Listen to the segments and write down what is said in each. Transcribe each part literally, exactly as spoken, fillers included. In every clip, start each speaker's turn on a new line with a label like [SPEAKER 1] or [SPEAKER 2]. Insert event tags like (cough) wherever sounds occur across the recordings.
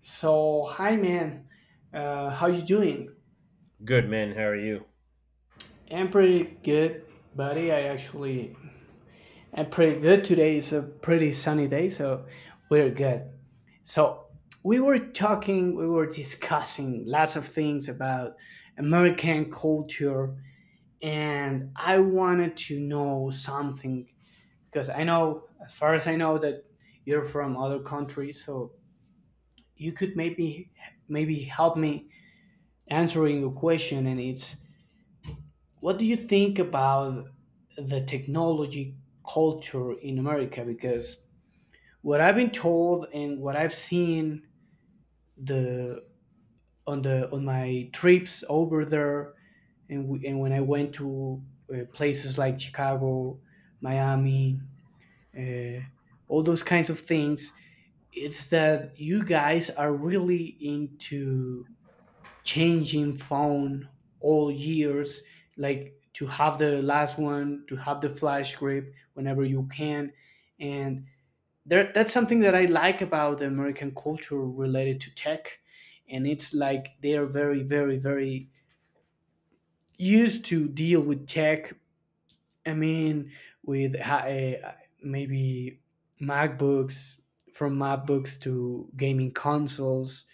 [SPEAKER 1] So, hi man, uh, how you doing?
[SPEAKER 2] Good man, how are you?
[SPEAKER 1] I'm pretty good, buddy. I actually I'm pretty good today. It's a pretty sunny day, so we're good. So we were talking, we were discussing lots of things about American culture, and I wanted to know something because I know, as far as I know, that you're from other countries, so you could maybe maybe help me answering a question, and it's, what do you think about the technology culture in America? Because what I've been told and what I've seen, the on the on my trips over there, and we, and when I went to uh, places like Chicago, Miami, uh, all those kinds of things, it's that you guys are really into changing phone all years, like to have the last one, to have the flash grip whenever you can. And there, that's something that I like about the American culture related to tech, and it's like they are very, very, very used to deal with tech. I mean, with uh, maybe macbooks from MacBooks to gaming consoles,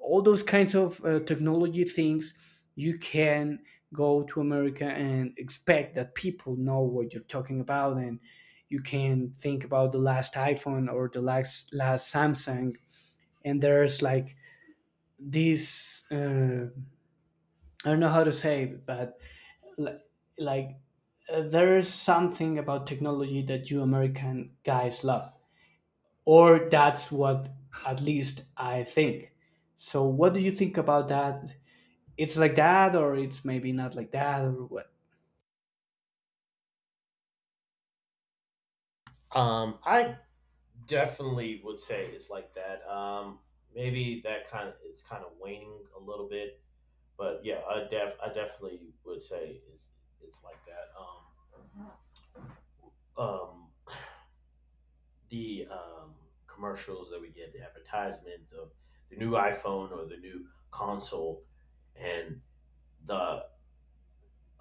[SPEAKER 1] all those kinds of uh, technology things. You can go to America and expect that people know what you're talking about, and you can think about the last iPhone or the last last Samsung. And there's like this, uh, I don't know how to say it, but li- like uh, there's something about technology that you American guys love, or that's what at least I think. So what do you think about that? It's like that, or it's maybe not like that, or what?
[SPEAKER 2] Um, I definitely would say it's like that. Um, maybe that kind of it's kind of waning a little bit, but yeah, I def I definitely would say it's it's like that. Um, um, the um commercials that we get, the advertisements of the new iPhone or the new console, and the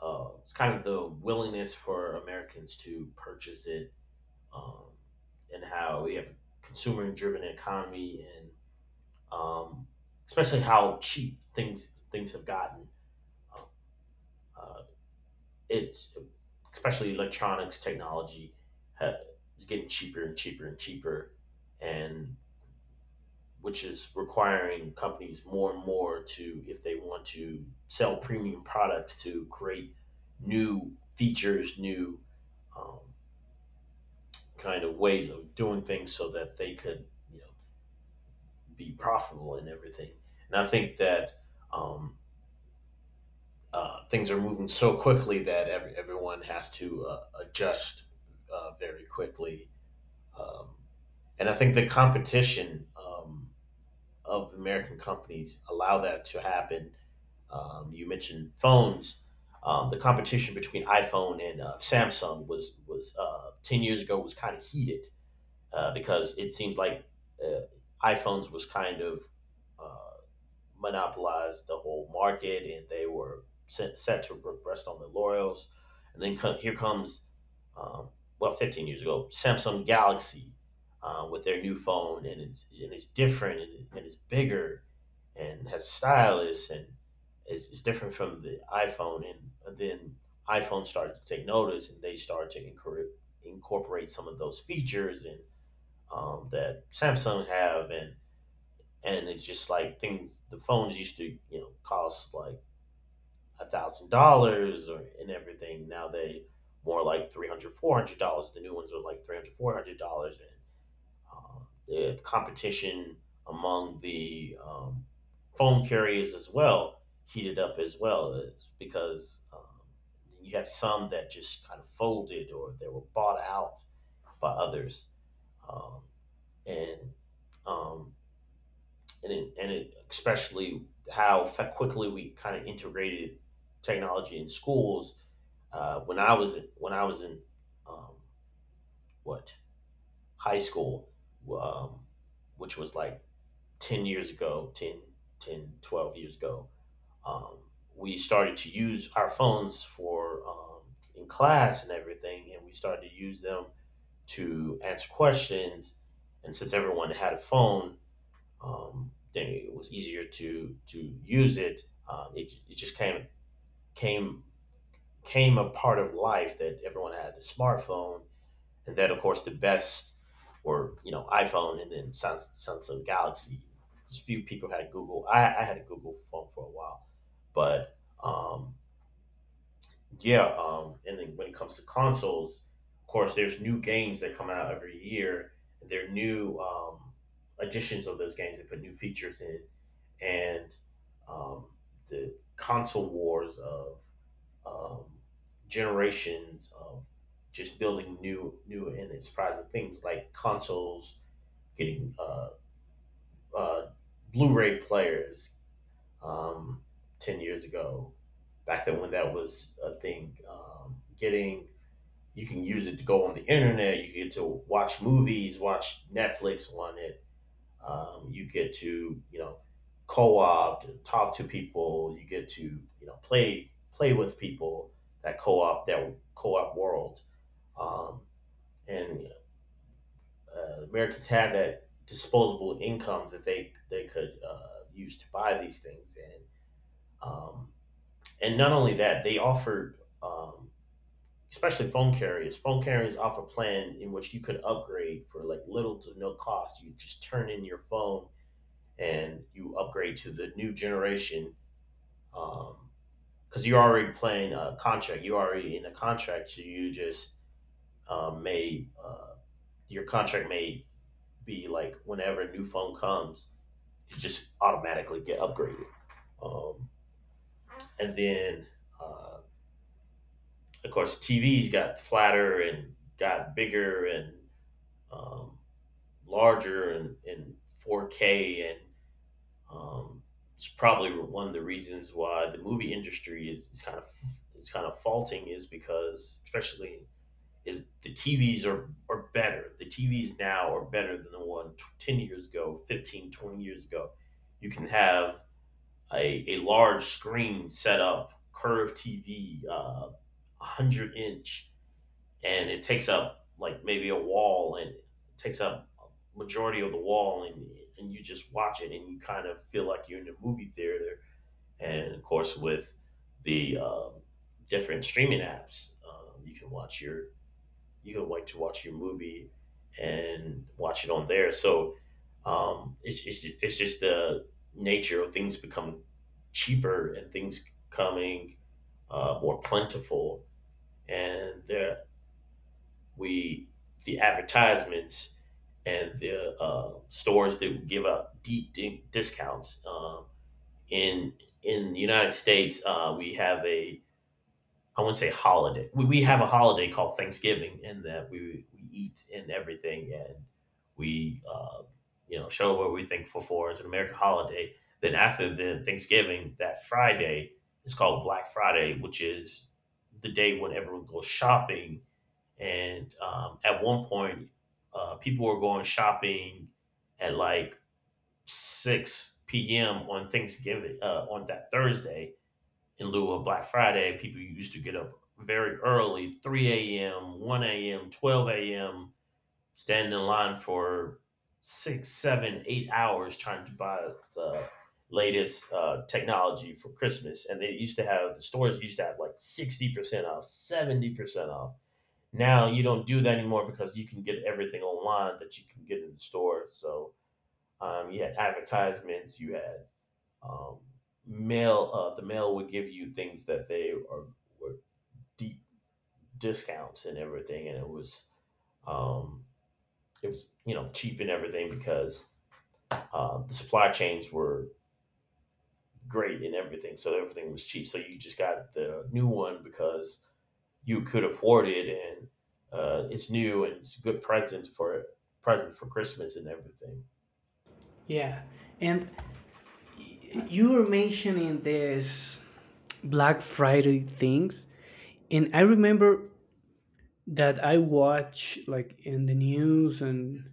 [SPEAKER 2] uh, it's kind of the willingness for Americans to purchase it, um, and how we have consumer driven economy, and um, especially how cheap things things have gotten. Uh, it's especially electronics technology ha- is getting cheaper and cheaper and cheaper, and which is requiring companies more and more to, if they want to sell premium products, to create new features, new um, kind of ways of doing things, so that they could, you know, be profitable in everything. And I think that um, uh, things are moving so quickly that every, everyone has to uh, adjust uh, very quickly. Um, and I think the competition um, of American companies allow that to happen. Um, you mentioned phones. Um, the competition between iPhone and uh, Samsung was was uh, ten years ago was kind of heated uh, because it seems like uh, iPhones was kind of uh, monopolized the whole market and they were set, set to rest on their laurels. And then co- here comes, um, well, fifteen years ago, Samsung Galaxy uh, with their new phone, and it's, and it's different, and, it- and it's bigger and has stylus, and it's, it's different from the iPhone. And then iPhone started to take notice and they started to incorporate, incorporate some of those features and um, that Samsung have, and and it's just like things. The phones used to, you know cost like a thousand dollars or and everything. Now they more like three hundred, four hundred dollars. The new ones are like three hundred, four hundred dollars, and um, the competition among the um, phone carriers as well heated up as well is because um, you had some that just kind of folded or they were bought out by others, um, and um, and it, and it, especially how fa- quickly we kind of integrated technology in schools. Uh, when I was when I was in um, what high school, um, which was like ten years ago, ten ten twelve years ago, um, we started to use our phones for, um, in class and everything, and we started to use them to answer questions. And since everyone had a phone, um, then it was easier to to use it. Um, it it just kind of came came a part of life that everyone had the smartphone, and then of course the best were you know iPhone and then Samsung, Samsung Galaxy. Just few people had a Google. I, I had a Google phone for a while, but um, yeah. Um, and then when it comes to consoles, of course, there's new games that come out every year. There are new um, editions of those games. that put new features in, and um, the console wars of um, generations of just building new, new and surprising things like consoles, getting uh, uh, Blu-ray players um, ten years ago. Back then, when that was a thing, um, getting you can use it to go on the internet. You get to watch movies, watch Netflix on it, um, you get to, you know co-opt, talk to people. You get to, you know, play play with people, that co-op that co-op world. Um, and uh, Americans had that disposable income that they they could uh, use to buy these things. And um, and not only that, they offered, um, especially phone carriers. Phone carriers offer a plan in which you could upgrade for like little to no cost. You just turn in your phone and you upgrade to the new generation, um, because you're already playing a contract. You're already in a contract. So you just, um, may uh, your contract may be like whenever a new phone comes, you just automatically get upgraded. Um, and then, uh, of course, T Vs got flatter and got bigger and, um, larger, and, and four K, and Um, it's probably one of the reasons why the movie industry is, is kind of is kind of faulting is because especially is the T Vs are are better. The T Vs now are better than the one ten years ago, fifteen twenty years ago. You can have a, a large screen set up, curved T V, uh, one hundred inch, and it takes up like maybe a wall, and it takes up a majority of the wall, and and you just watch it and you kind of feel like you're in a movie theater. And of course, with the um, different streaming apps, um, you can watch your you can like to watch your movie and watch it on there. So um, it's, it's, it's just the nature of things become cheaper and things coming, uh, more plentiful. And there, we, the advertisements, and the uh, stores that give out deep, deep discounts. Um, in in the United States, uh, we have a, I wouldn't say holiday. We, we have a holiday called Thanksgiving, in that we we eat and everything, and we, uh, you know show what we thankful for. It's an American holiday. Then after the Thanksgiving, that Friday is called Black Friday, which is the day when everyone goes shopping. And um, at one point, uh, people were going shopping at like six p m on Thanksgiving, uh, on that Thursday, in lieu of Black Friday. People used to get up very early, three a m, one a m, twelve a m, stand in line for six, seven, eight hours trying to buy the latest uh, technology for Christmas. And they used to have, the stores used to have like sixty percent off, seventy percent off. Now you don't do that anymore because you can get everything online that you can get in the store. So um, you had advertisements, you had, um, mail. Uh, the mail would give you things that they are, were, deep discounts and everything, and it was um, it was you know cheap and everything because uh, the supply chains were great and everything, so everything was cheap. So you just got the new one because you could afford it, and uh, it's new, and it's a good present for present for Christmas and everything.
[SPEAKER 1] Yeah. And you were mentioning this Black Friday things, and I remember that I watched like in the news, and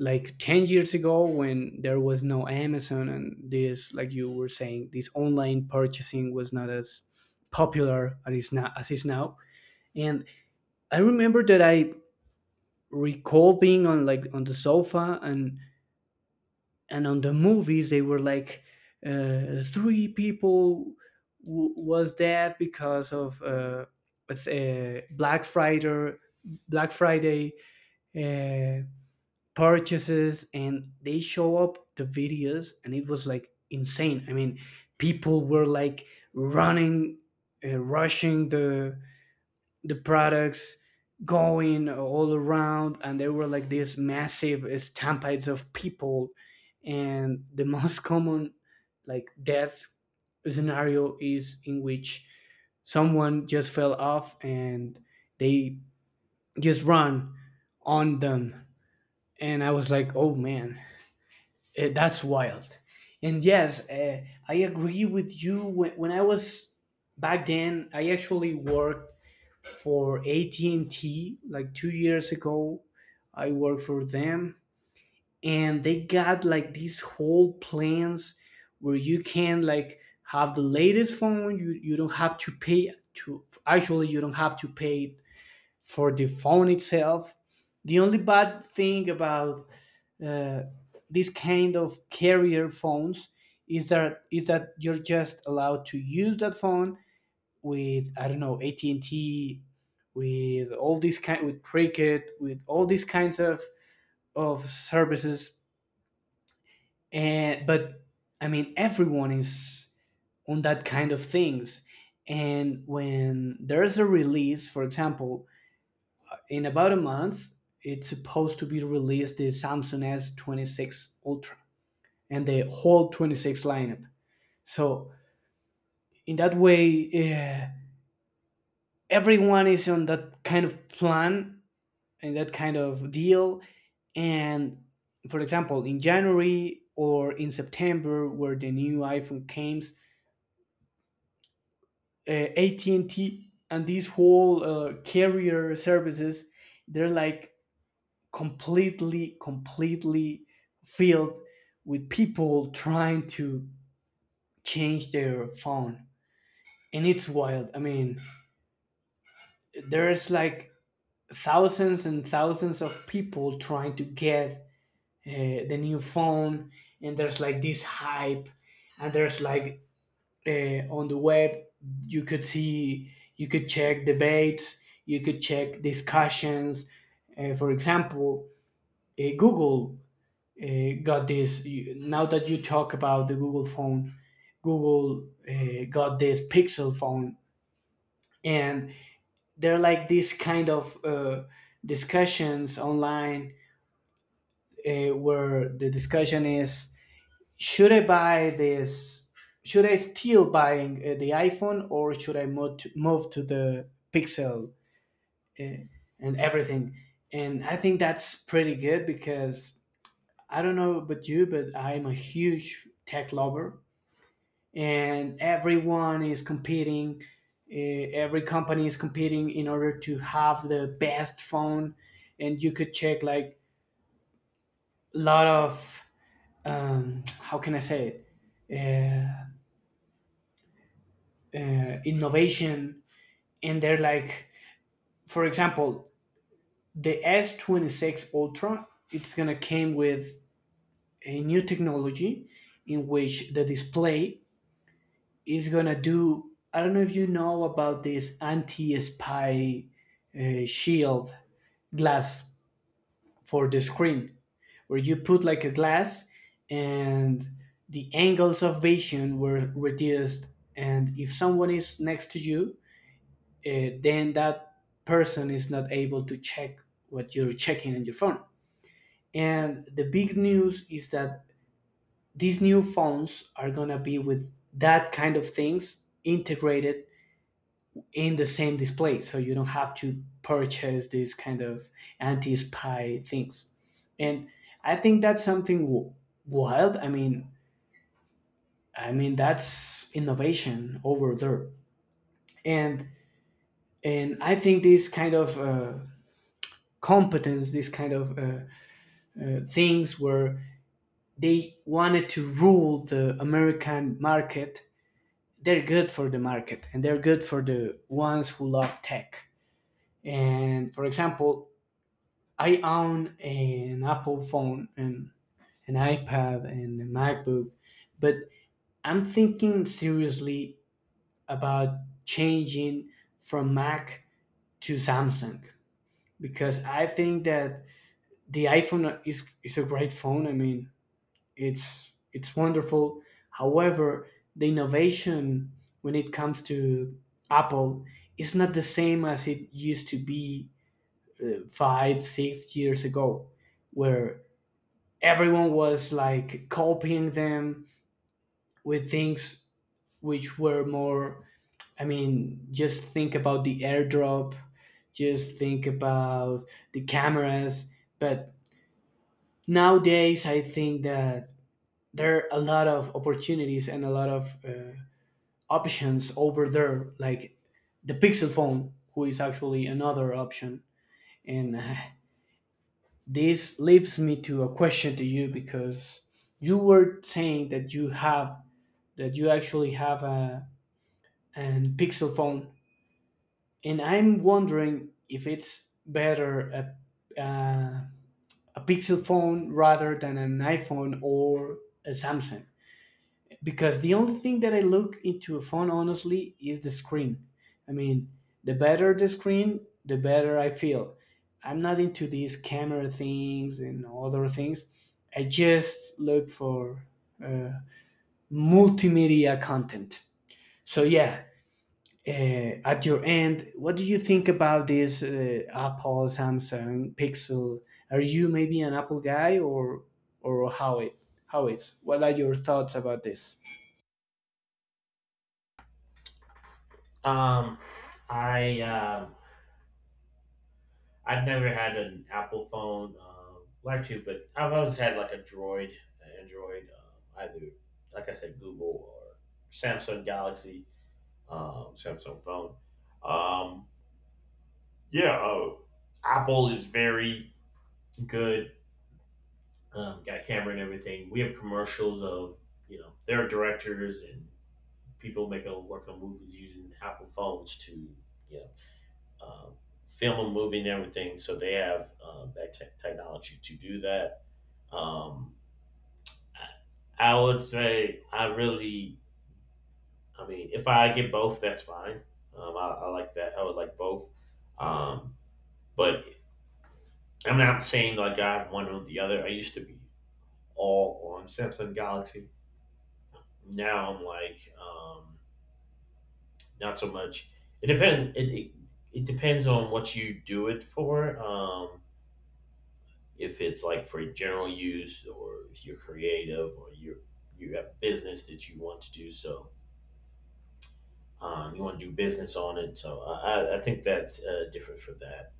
[SPEAKER 1] like ten years ago, when there was no Amazon. And this, like you were saying, this online purchasing was not as popular as it's now as it's now. And I remember that I recall being, on like, on the sofa, and and on the movies. They were like, uh, three people w- was dead because of uh, with, uh, Black Friday Black Friday uh, purchases, and they show up the videos and it was like insane. I mean, people were like running, uh, rushing the the products, going all around, and there were like these massive stampedes of people, and the (laughs) most common, like, death scenario is in which someone just fell off and they just run on them. And I was like, oh man, eh, that's wild. And yes, uh, I agree with you. When, when I was back then, I actually worked for A T and T like two years ago. I worked for them, and they got like these whole plans where you can like have the latest phone. You you don't have to pay to actually, you don't have to pay for the phone itself. The only bad thing about uh, this kind of carrier phones is that is that you're just allowed to use that phone with, I don't know, A T and T, with all these kind, with Cricket, with all these kinds of of services. And but I mean everyone is on that kind of things. And when there's a release, for example, in about a month, it's supposed to be released the Samsung S twenty-six Ultra and the whole twenty-six lineup. So in that way, eh, everyone is on that kind of plan and that kind of deal. And for example, in January or in September, where the new iPhone came, uh, A T and T and these whole uh, carrier services, they're like completely, completely filled with people trying to change their phone, and it's wild. I mean, there's like thousands and thousands of people trying to get uh, the new phone, and there's like this hype, and there's like, uh, on the web you could see you could check debates, you could check discussions. Uh, for example, uh, Google uh, got this you, now that you talk about the Google phone, Google uh, got this Pixel phone, and they're like this kind of uh, discussions online, uh, where the discussion is, should I buy this? Should I still buying uh, the iPhone, or should I move to, move to the Pixel and everything? And I think that's pretty good because I don't know about you, but I'm a huge tech lover, and everyone is competing. Uh, every company is competing in order to have the best phone, and you could check like a lot of, um, how can I say it? uh, uh, Innovation. And they're like, for example, the S twenty-six Ultra, it's gonna came with a new technology in which the display is gonna do. I don't know if you know about this anti-spy uh, shield glass for the screen, where you put like a glass, and the angles of vision were reduced, and if someone is next to you, uh, then that person is not able to check what you're checking on your phone. And the big news is that these new phones are gonna be with that kind of things integrated in the same display, so you don't have to purchase these kind of anti-spy things. And I think that's something w- wild. I mean, I mean that's innovation over there, and and I think this kind of uh, competence, this kind of uh, uh, things where they wanted to rule the American market. They're good for the market and they're good for the ones who love tech. And for example, I own an Apple phone and an iPad and a MacBook, but I'm thinking seriously about changing from Mac to Samsung, because I think that the iPhone is, is a great phone. I mean, It's it's wonderful. However, the innovation when it comes to Apple is not the same as it used to be uh, five, six years ago, where everyone was like copying them with things which were more. I mean, just think about the AirDrop, just think about the cameras. But nowadays, I think that there are a lot of opportunities and a lot of uh, options over there, like the Pixel phone, who is actually another option. And uh, this leads me to a question to you, because you were saying that you have, that you actually have a, an Pixel phone, and I'm wondering if it's better a, uh, a Pixel phone rather than an iPhone or a Samsung, because the only thing that I look into a phone honestly is the screen. I mean, the better the screen, the better I feel. I'm not into these camera things and other things. I just look for uh, multimedia content. So yeah, uh, at your end, what do you think about this, uh, Apple, Samsung, Pixel? Are you maybe an Apple guy, or or how it, how it's? What are your thoughts about this?
[SPEAKER 2] Um, I um I've never had an Apple phone, um, like to, but I've always had like a Droid, an Android, um, either like I said, Google or Samsung Galaxy, um, Samsung phone. Um, yeah, uh, Apple is very good. Um, got a camera and everything. We have commercials of, you know, their directors and people making working on movies using Apple phones to, you know um, film a movie and everything. So they have um, that te- technology to do that. Um, I, I would say I really, I mean, if I get both, that's fine. Um, I, I like that. I would like both. Um, but I'm not saying like I have one or the other. I used to be all on Samsung Galaxy. Now I'm like, um, not so much. It depend. It, it it depends on what you do it for. Um, if it's like for general use, or if you're creative, or you you have business that you want to do, so um, you want to do business on it. So I, I- I think that's uh, different for that.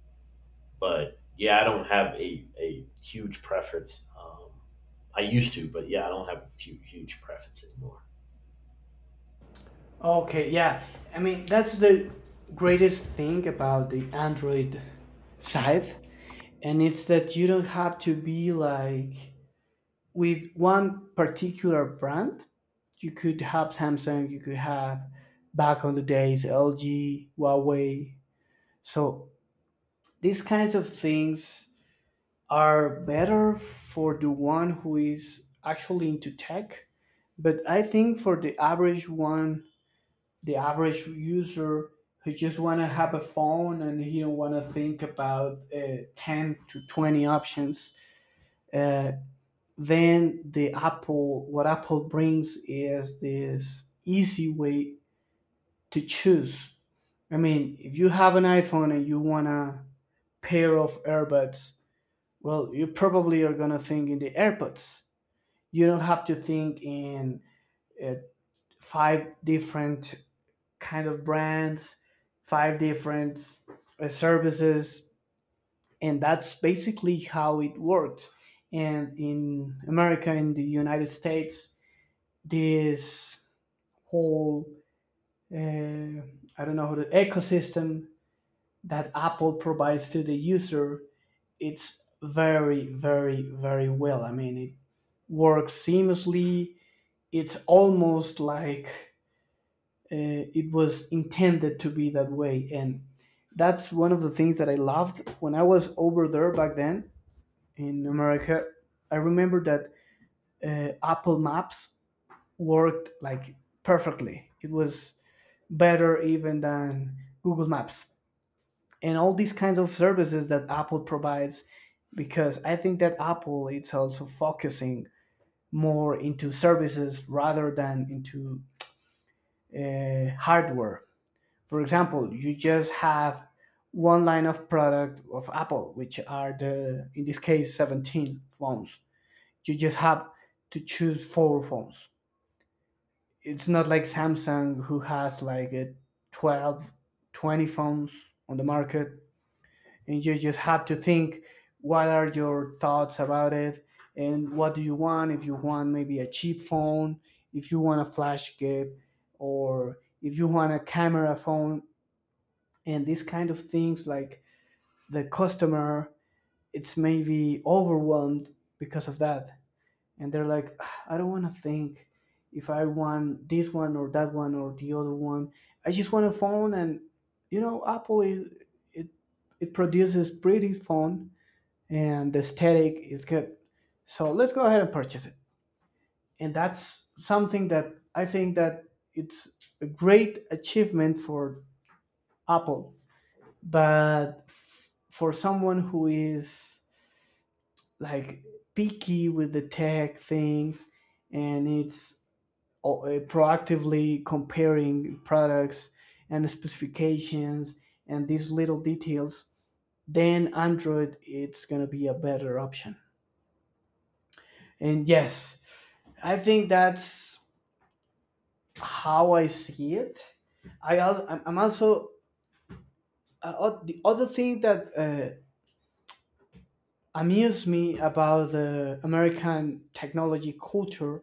[SPEAKER 2] But yeah, I don't have a, a huge preference. Um, I used to, but yeah, I don't have a few, huge preference anymore.
[SPEAKER 1] Okay, yeah. I mean, that's the greatest thing about the Android side, and it's that you don't have to be like with one particular brand. You could have Samsung, you could have, back on the days, L G, Huawei. So these kinds of things are better for the one who is actually into tech, but I think for the average one the average user who just want to have a phone, and he don't want to think about uh, ten to twenty options. uh, then the apple what Apple brings is this easy way to choose. I mean, if you have an iPhone and you want a pair of AirPods, well, you probably are going to think in the AirPods. You don't have to think in uh, five different kind of brands, five different uh, services, and that's basically how it worked. And in America, in the United States, this whole, uh, I don't know how, the ecosystem that Apple provides to the user, it's very, very, very well. I mean, it works seamlessly. It's almost like, uh, it was intended to be that way, and that's one of the things that I loved when I was over there back then in America. I remember that, uh, Apple Maps worked like perfectly. It was better even than Google Maps, and all these kinds of services that Apple provides, because I think that Apple it's also focusing more into services rather than into uh, hardware. For example, you just have one line of product of Apple, which are the, in this case, seventeen phones. You just have to choose four phones. It's not like Samsung who has like a twelve, twenty phones on the market. And you just have to think what are your thoughts about it and what do you want? If you want maybe a cheap phone, if you want a flash gift, or if you want a camera phone and these kind of things, like the customer, it's maybe overwhelmed because of that, and they're like, "Ah, I don't want to think if I want this one or that one or the other one. I just want a phone, and you know Apple is, it it produces pretty phone and the aesthetic is good, so let's go ahead and purchase it." And that's something that I think that it's a great achievement for Apple. But f- for someone who is like picky with the tech things and it's o- uh, proactively comparing products and specifications and these little details, then Android it's going to be a better option. And yes, I think that's how I see it. I al- i'm I'm also, uh, o- the other thing that uh, amuse me about the American technology culture,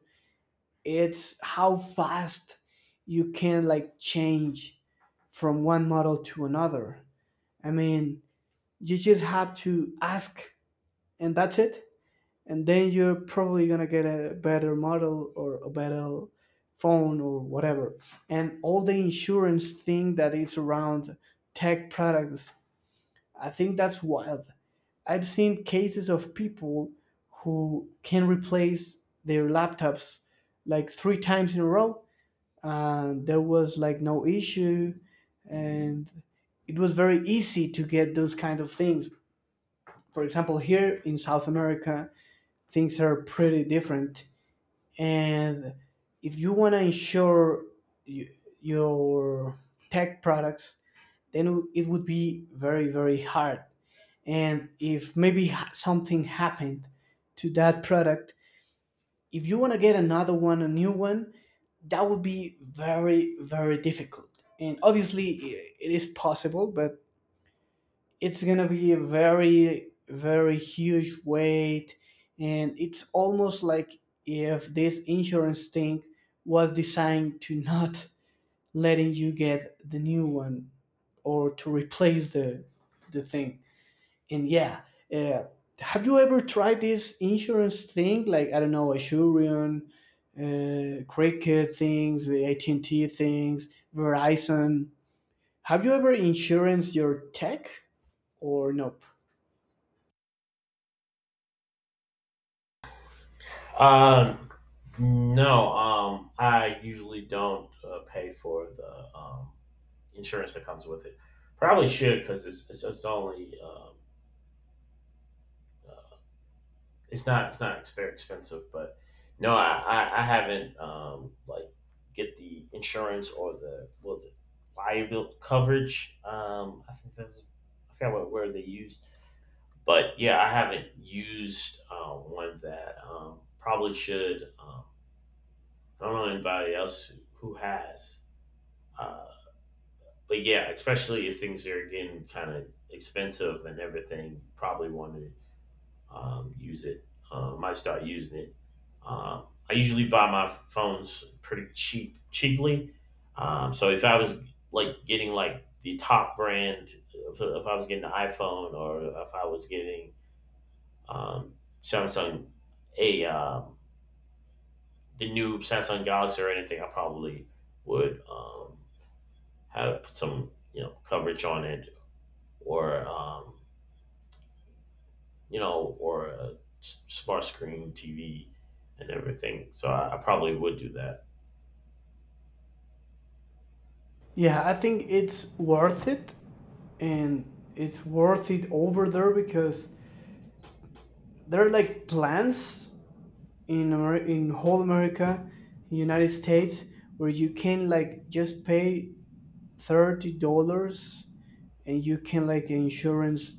[SPEAKER 1] it's how fast you can like change from one model to another. I mean, you just have to ask and that's it. And then you're probably gonna get a better model or a better phone or whatever. And all the insurance thing that is around tech products, I think that's wild. I've seen cases of people who can replace their laptops like three times in a row. And there was like no issue, and it was very easy to get those kind of things. For example, here in South America, things are pretty different. And if you want to insure y- your tech products, then it would be very, very hard. And if maybe h- something happened to that product, if you want to get another one, a new one, that would be very, very difficult. And obviously i- it is possible, but it's going to be a very, very huge weight. And it's almost like if this insurance thing was designed to not letting you get the new one or to replace the the thing. And yeah, uh, have you ever tried this insurance thing, like I don't know, Asurion, uh, Cricket things, the AT&T things, Verizon? Have you ever insurance your tech or nope?
[SPEAKER 2] Um, no, um, I usually don't uh, pay for the, um, insurance that comes with it. Probably should because it's, it's it's only, um, it's not it's not it's very expensive. But no, I I, I haven't, um, like, get the insurance, or the, what was it, liability coverage. Um, I think that's, I forgot what word they used, but yeah, I haven't used uh, one that, um, probably should. Um, I don't know anybody else who has. Uh, but yeah, especially if things are getting kind of expensive and everything, probably want to, um, use it. Uh, might start using it. Um, I usually buy my phones pretty cheap, cheaply. Um, so if I was like getting like the top brand, if, if I was getting the iPhone, or if I was getting, um, Samsung, a um, the new Samsung Galaxy or anything, I probably would, um, have some, you know coverage on it, or um, you know, or a s- smart screen T V and everything. So I, I probably would do that.
[SPEAKER 1] Yeah, I think it's worth it. And it's worth it over there because there are like plans in Amer- in whole America, United States, where you can like just pay thirty dollars and you can like insurance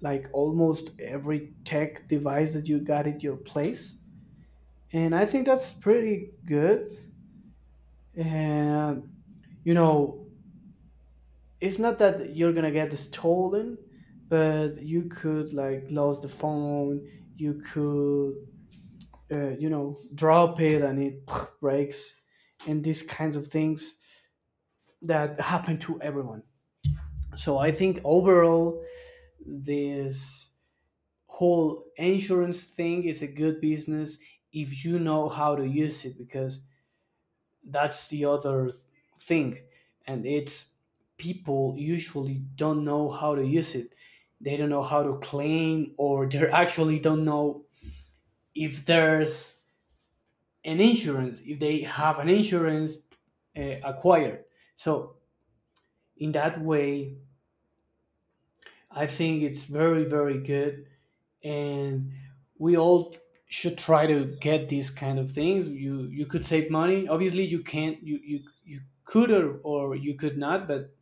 [SPEAKER 1] like almost every tech device that you got at your place. And I think that's pretty good. And you know, it's not that you're gonna get stolen, but you could like lose the phone, you could, uh, you know, drop it and it (tsk) breaks and these kinds of things that happen to everyone. So I think overall this whole insurance thing is a good business if you know how to use it. Because that's the other th- thing, and it's people usually don't know how to use it. They don't know how to claim, or they (laughs) actually don't know if there's an insurance, if they have an insurance uh, acquired. So in that way, I think it's very, very good. And we all should try to get these kind of things. You you could save money. Obviously you can't, you you, you could, or, or you could not. But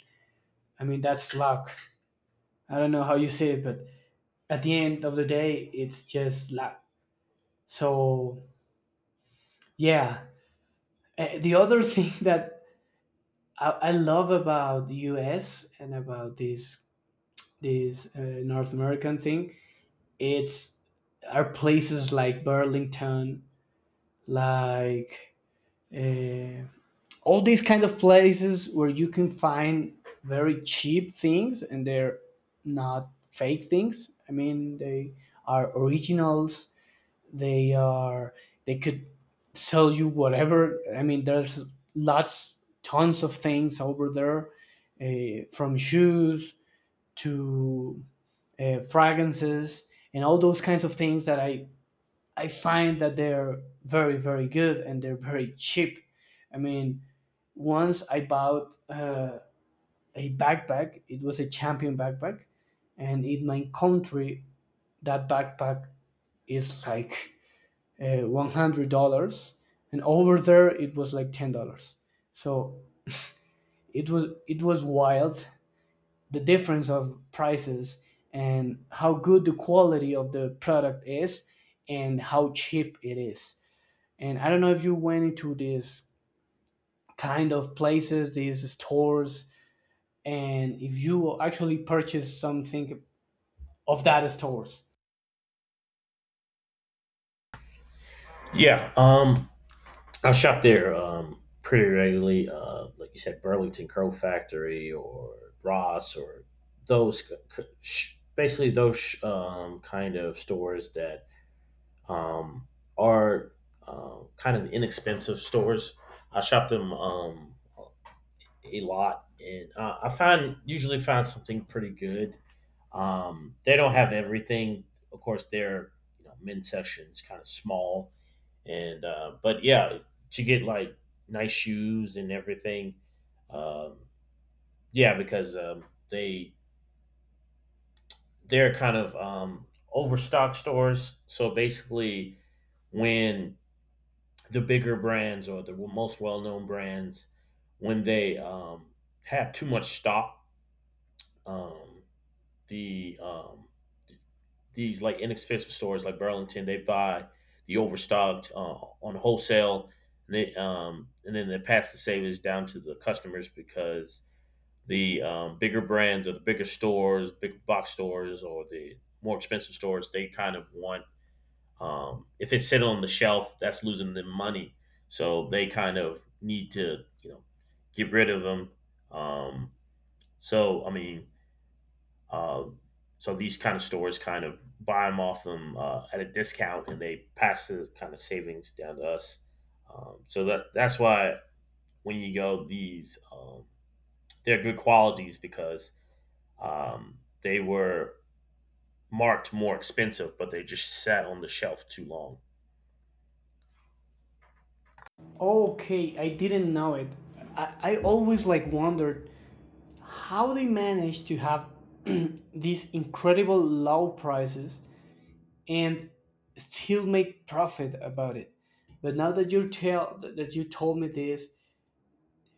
[SPEAKER 1] I mean, that's luck. I don't know how you say it, but at the end of the day, it's just luck. So yeah. Eh, the other (laughs) thing that i, I love about us and about this this uh, North American thing, it's are places like Burlington, like, uh, all these kind of places where you can find very cheap things. And they're not fake things, I mean, they are originals. They are, they could sell you whatever. I mean, there's lots, tons of things over there, uh, from shoes to uh, fragrances and all those kinds of things that i I find that they're very, very good and they're very cheap. I mean, once I bought uh, a backpack. It was a Champion backpack, and in my country that backpack is like uh, one hundred dollars, and over there it was like ten dollars. So it was it was wild, the difference of prices and how good the quality of the product is and how cheap it is. And I don't know if you went into these kind of places, these stores, and if you actually purchase something of that stores.
[SPEAKER 2] Yeah. Um, I shop there um pretty regularly. Uh, like you said, Burlington Curl Factory or Ross, or those c- c- basically those um kind of stores that um are, um kind of inexpensive stores. I shop them um a lot, and uh, I find usually find something pretty good. Um, they don't have everything. Of course, their, you know, men's section is kind of small, and uh, but yeah, to get like nice shoes and everything. Um, yeah, because um, they they're kind of um, overstock stores. So basically, when the bigger brands or the most well known brands, when they, um, have too much stock, um, the um, these like inexpensive stores like Burlington, they buy the overstocked uh, on wholesale, and, they, um, and then they pass the savings down to the customers because the, um, bigger brands or the bigger stores, big box stores, or the more expensive stores, they kind of want, um, if it's sitting on the shelf, that's losing them money. So they kind of need to, you know, get rid of them. Um, so I mean, um, so these kind of stores kind of buy them off them uh, at a discount, and they pass the kind of savings down to us. Um, so, that that's why when you go these, um, they're good qualities because um, they were marked more expensive, but they just sat on the shelf too long.
[SPEAKER 1] Okay, I didn't know it. I, I always like wondered how they manage to have (clears throat) these incredible low prices and still make profit about it. But now that you tell that you told me this,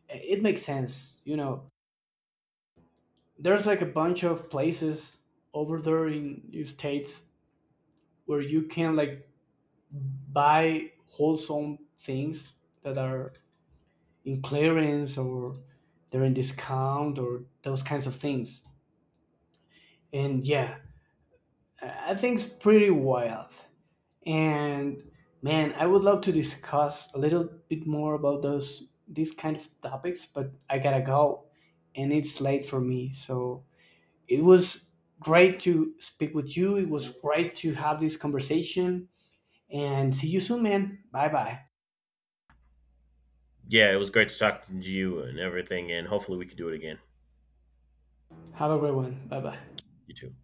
[SPEAKER 1] it makes sense. You know, there's like a bunch of places over there in the States where you can like buy wholesome things that are in clearance or they're in discount or those kinds of things. And yeah, I I think it's pretty wild. And man, I would love to discuss a little bit more about those these kind of topics, but I gotta go and it's late for me. So it was great to speak with you. It was great to have this conversation. And see you soon, man. Bye bye.
[SPEAKER 2] Yeah, it was great to talk to you and everything, and hopefully we can do it again.
[SPEAKER 1] Have a great one. Bye bye.
[SPEAKER 2] You too.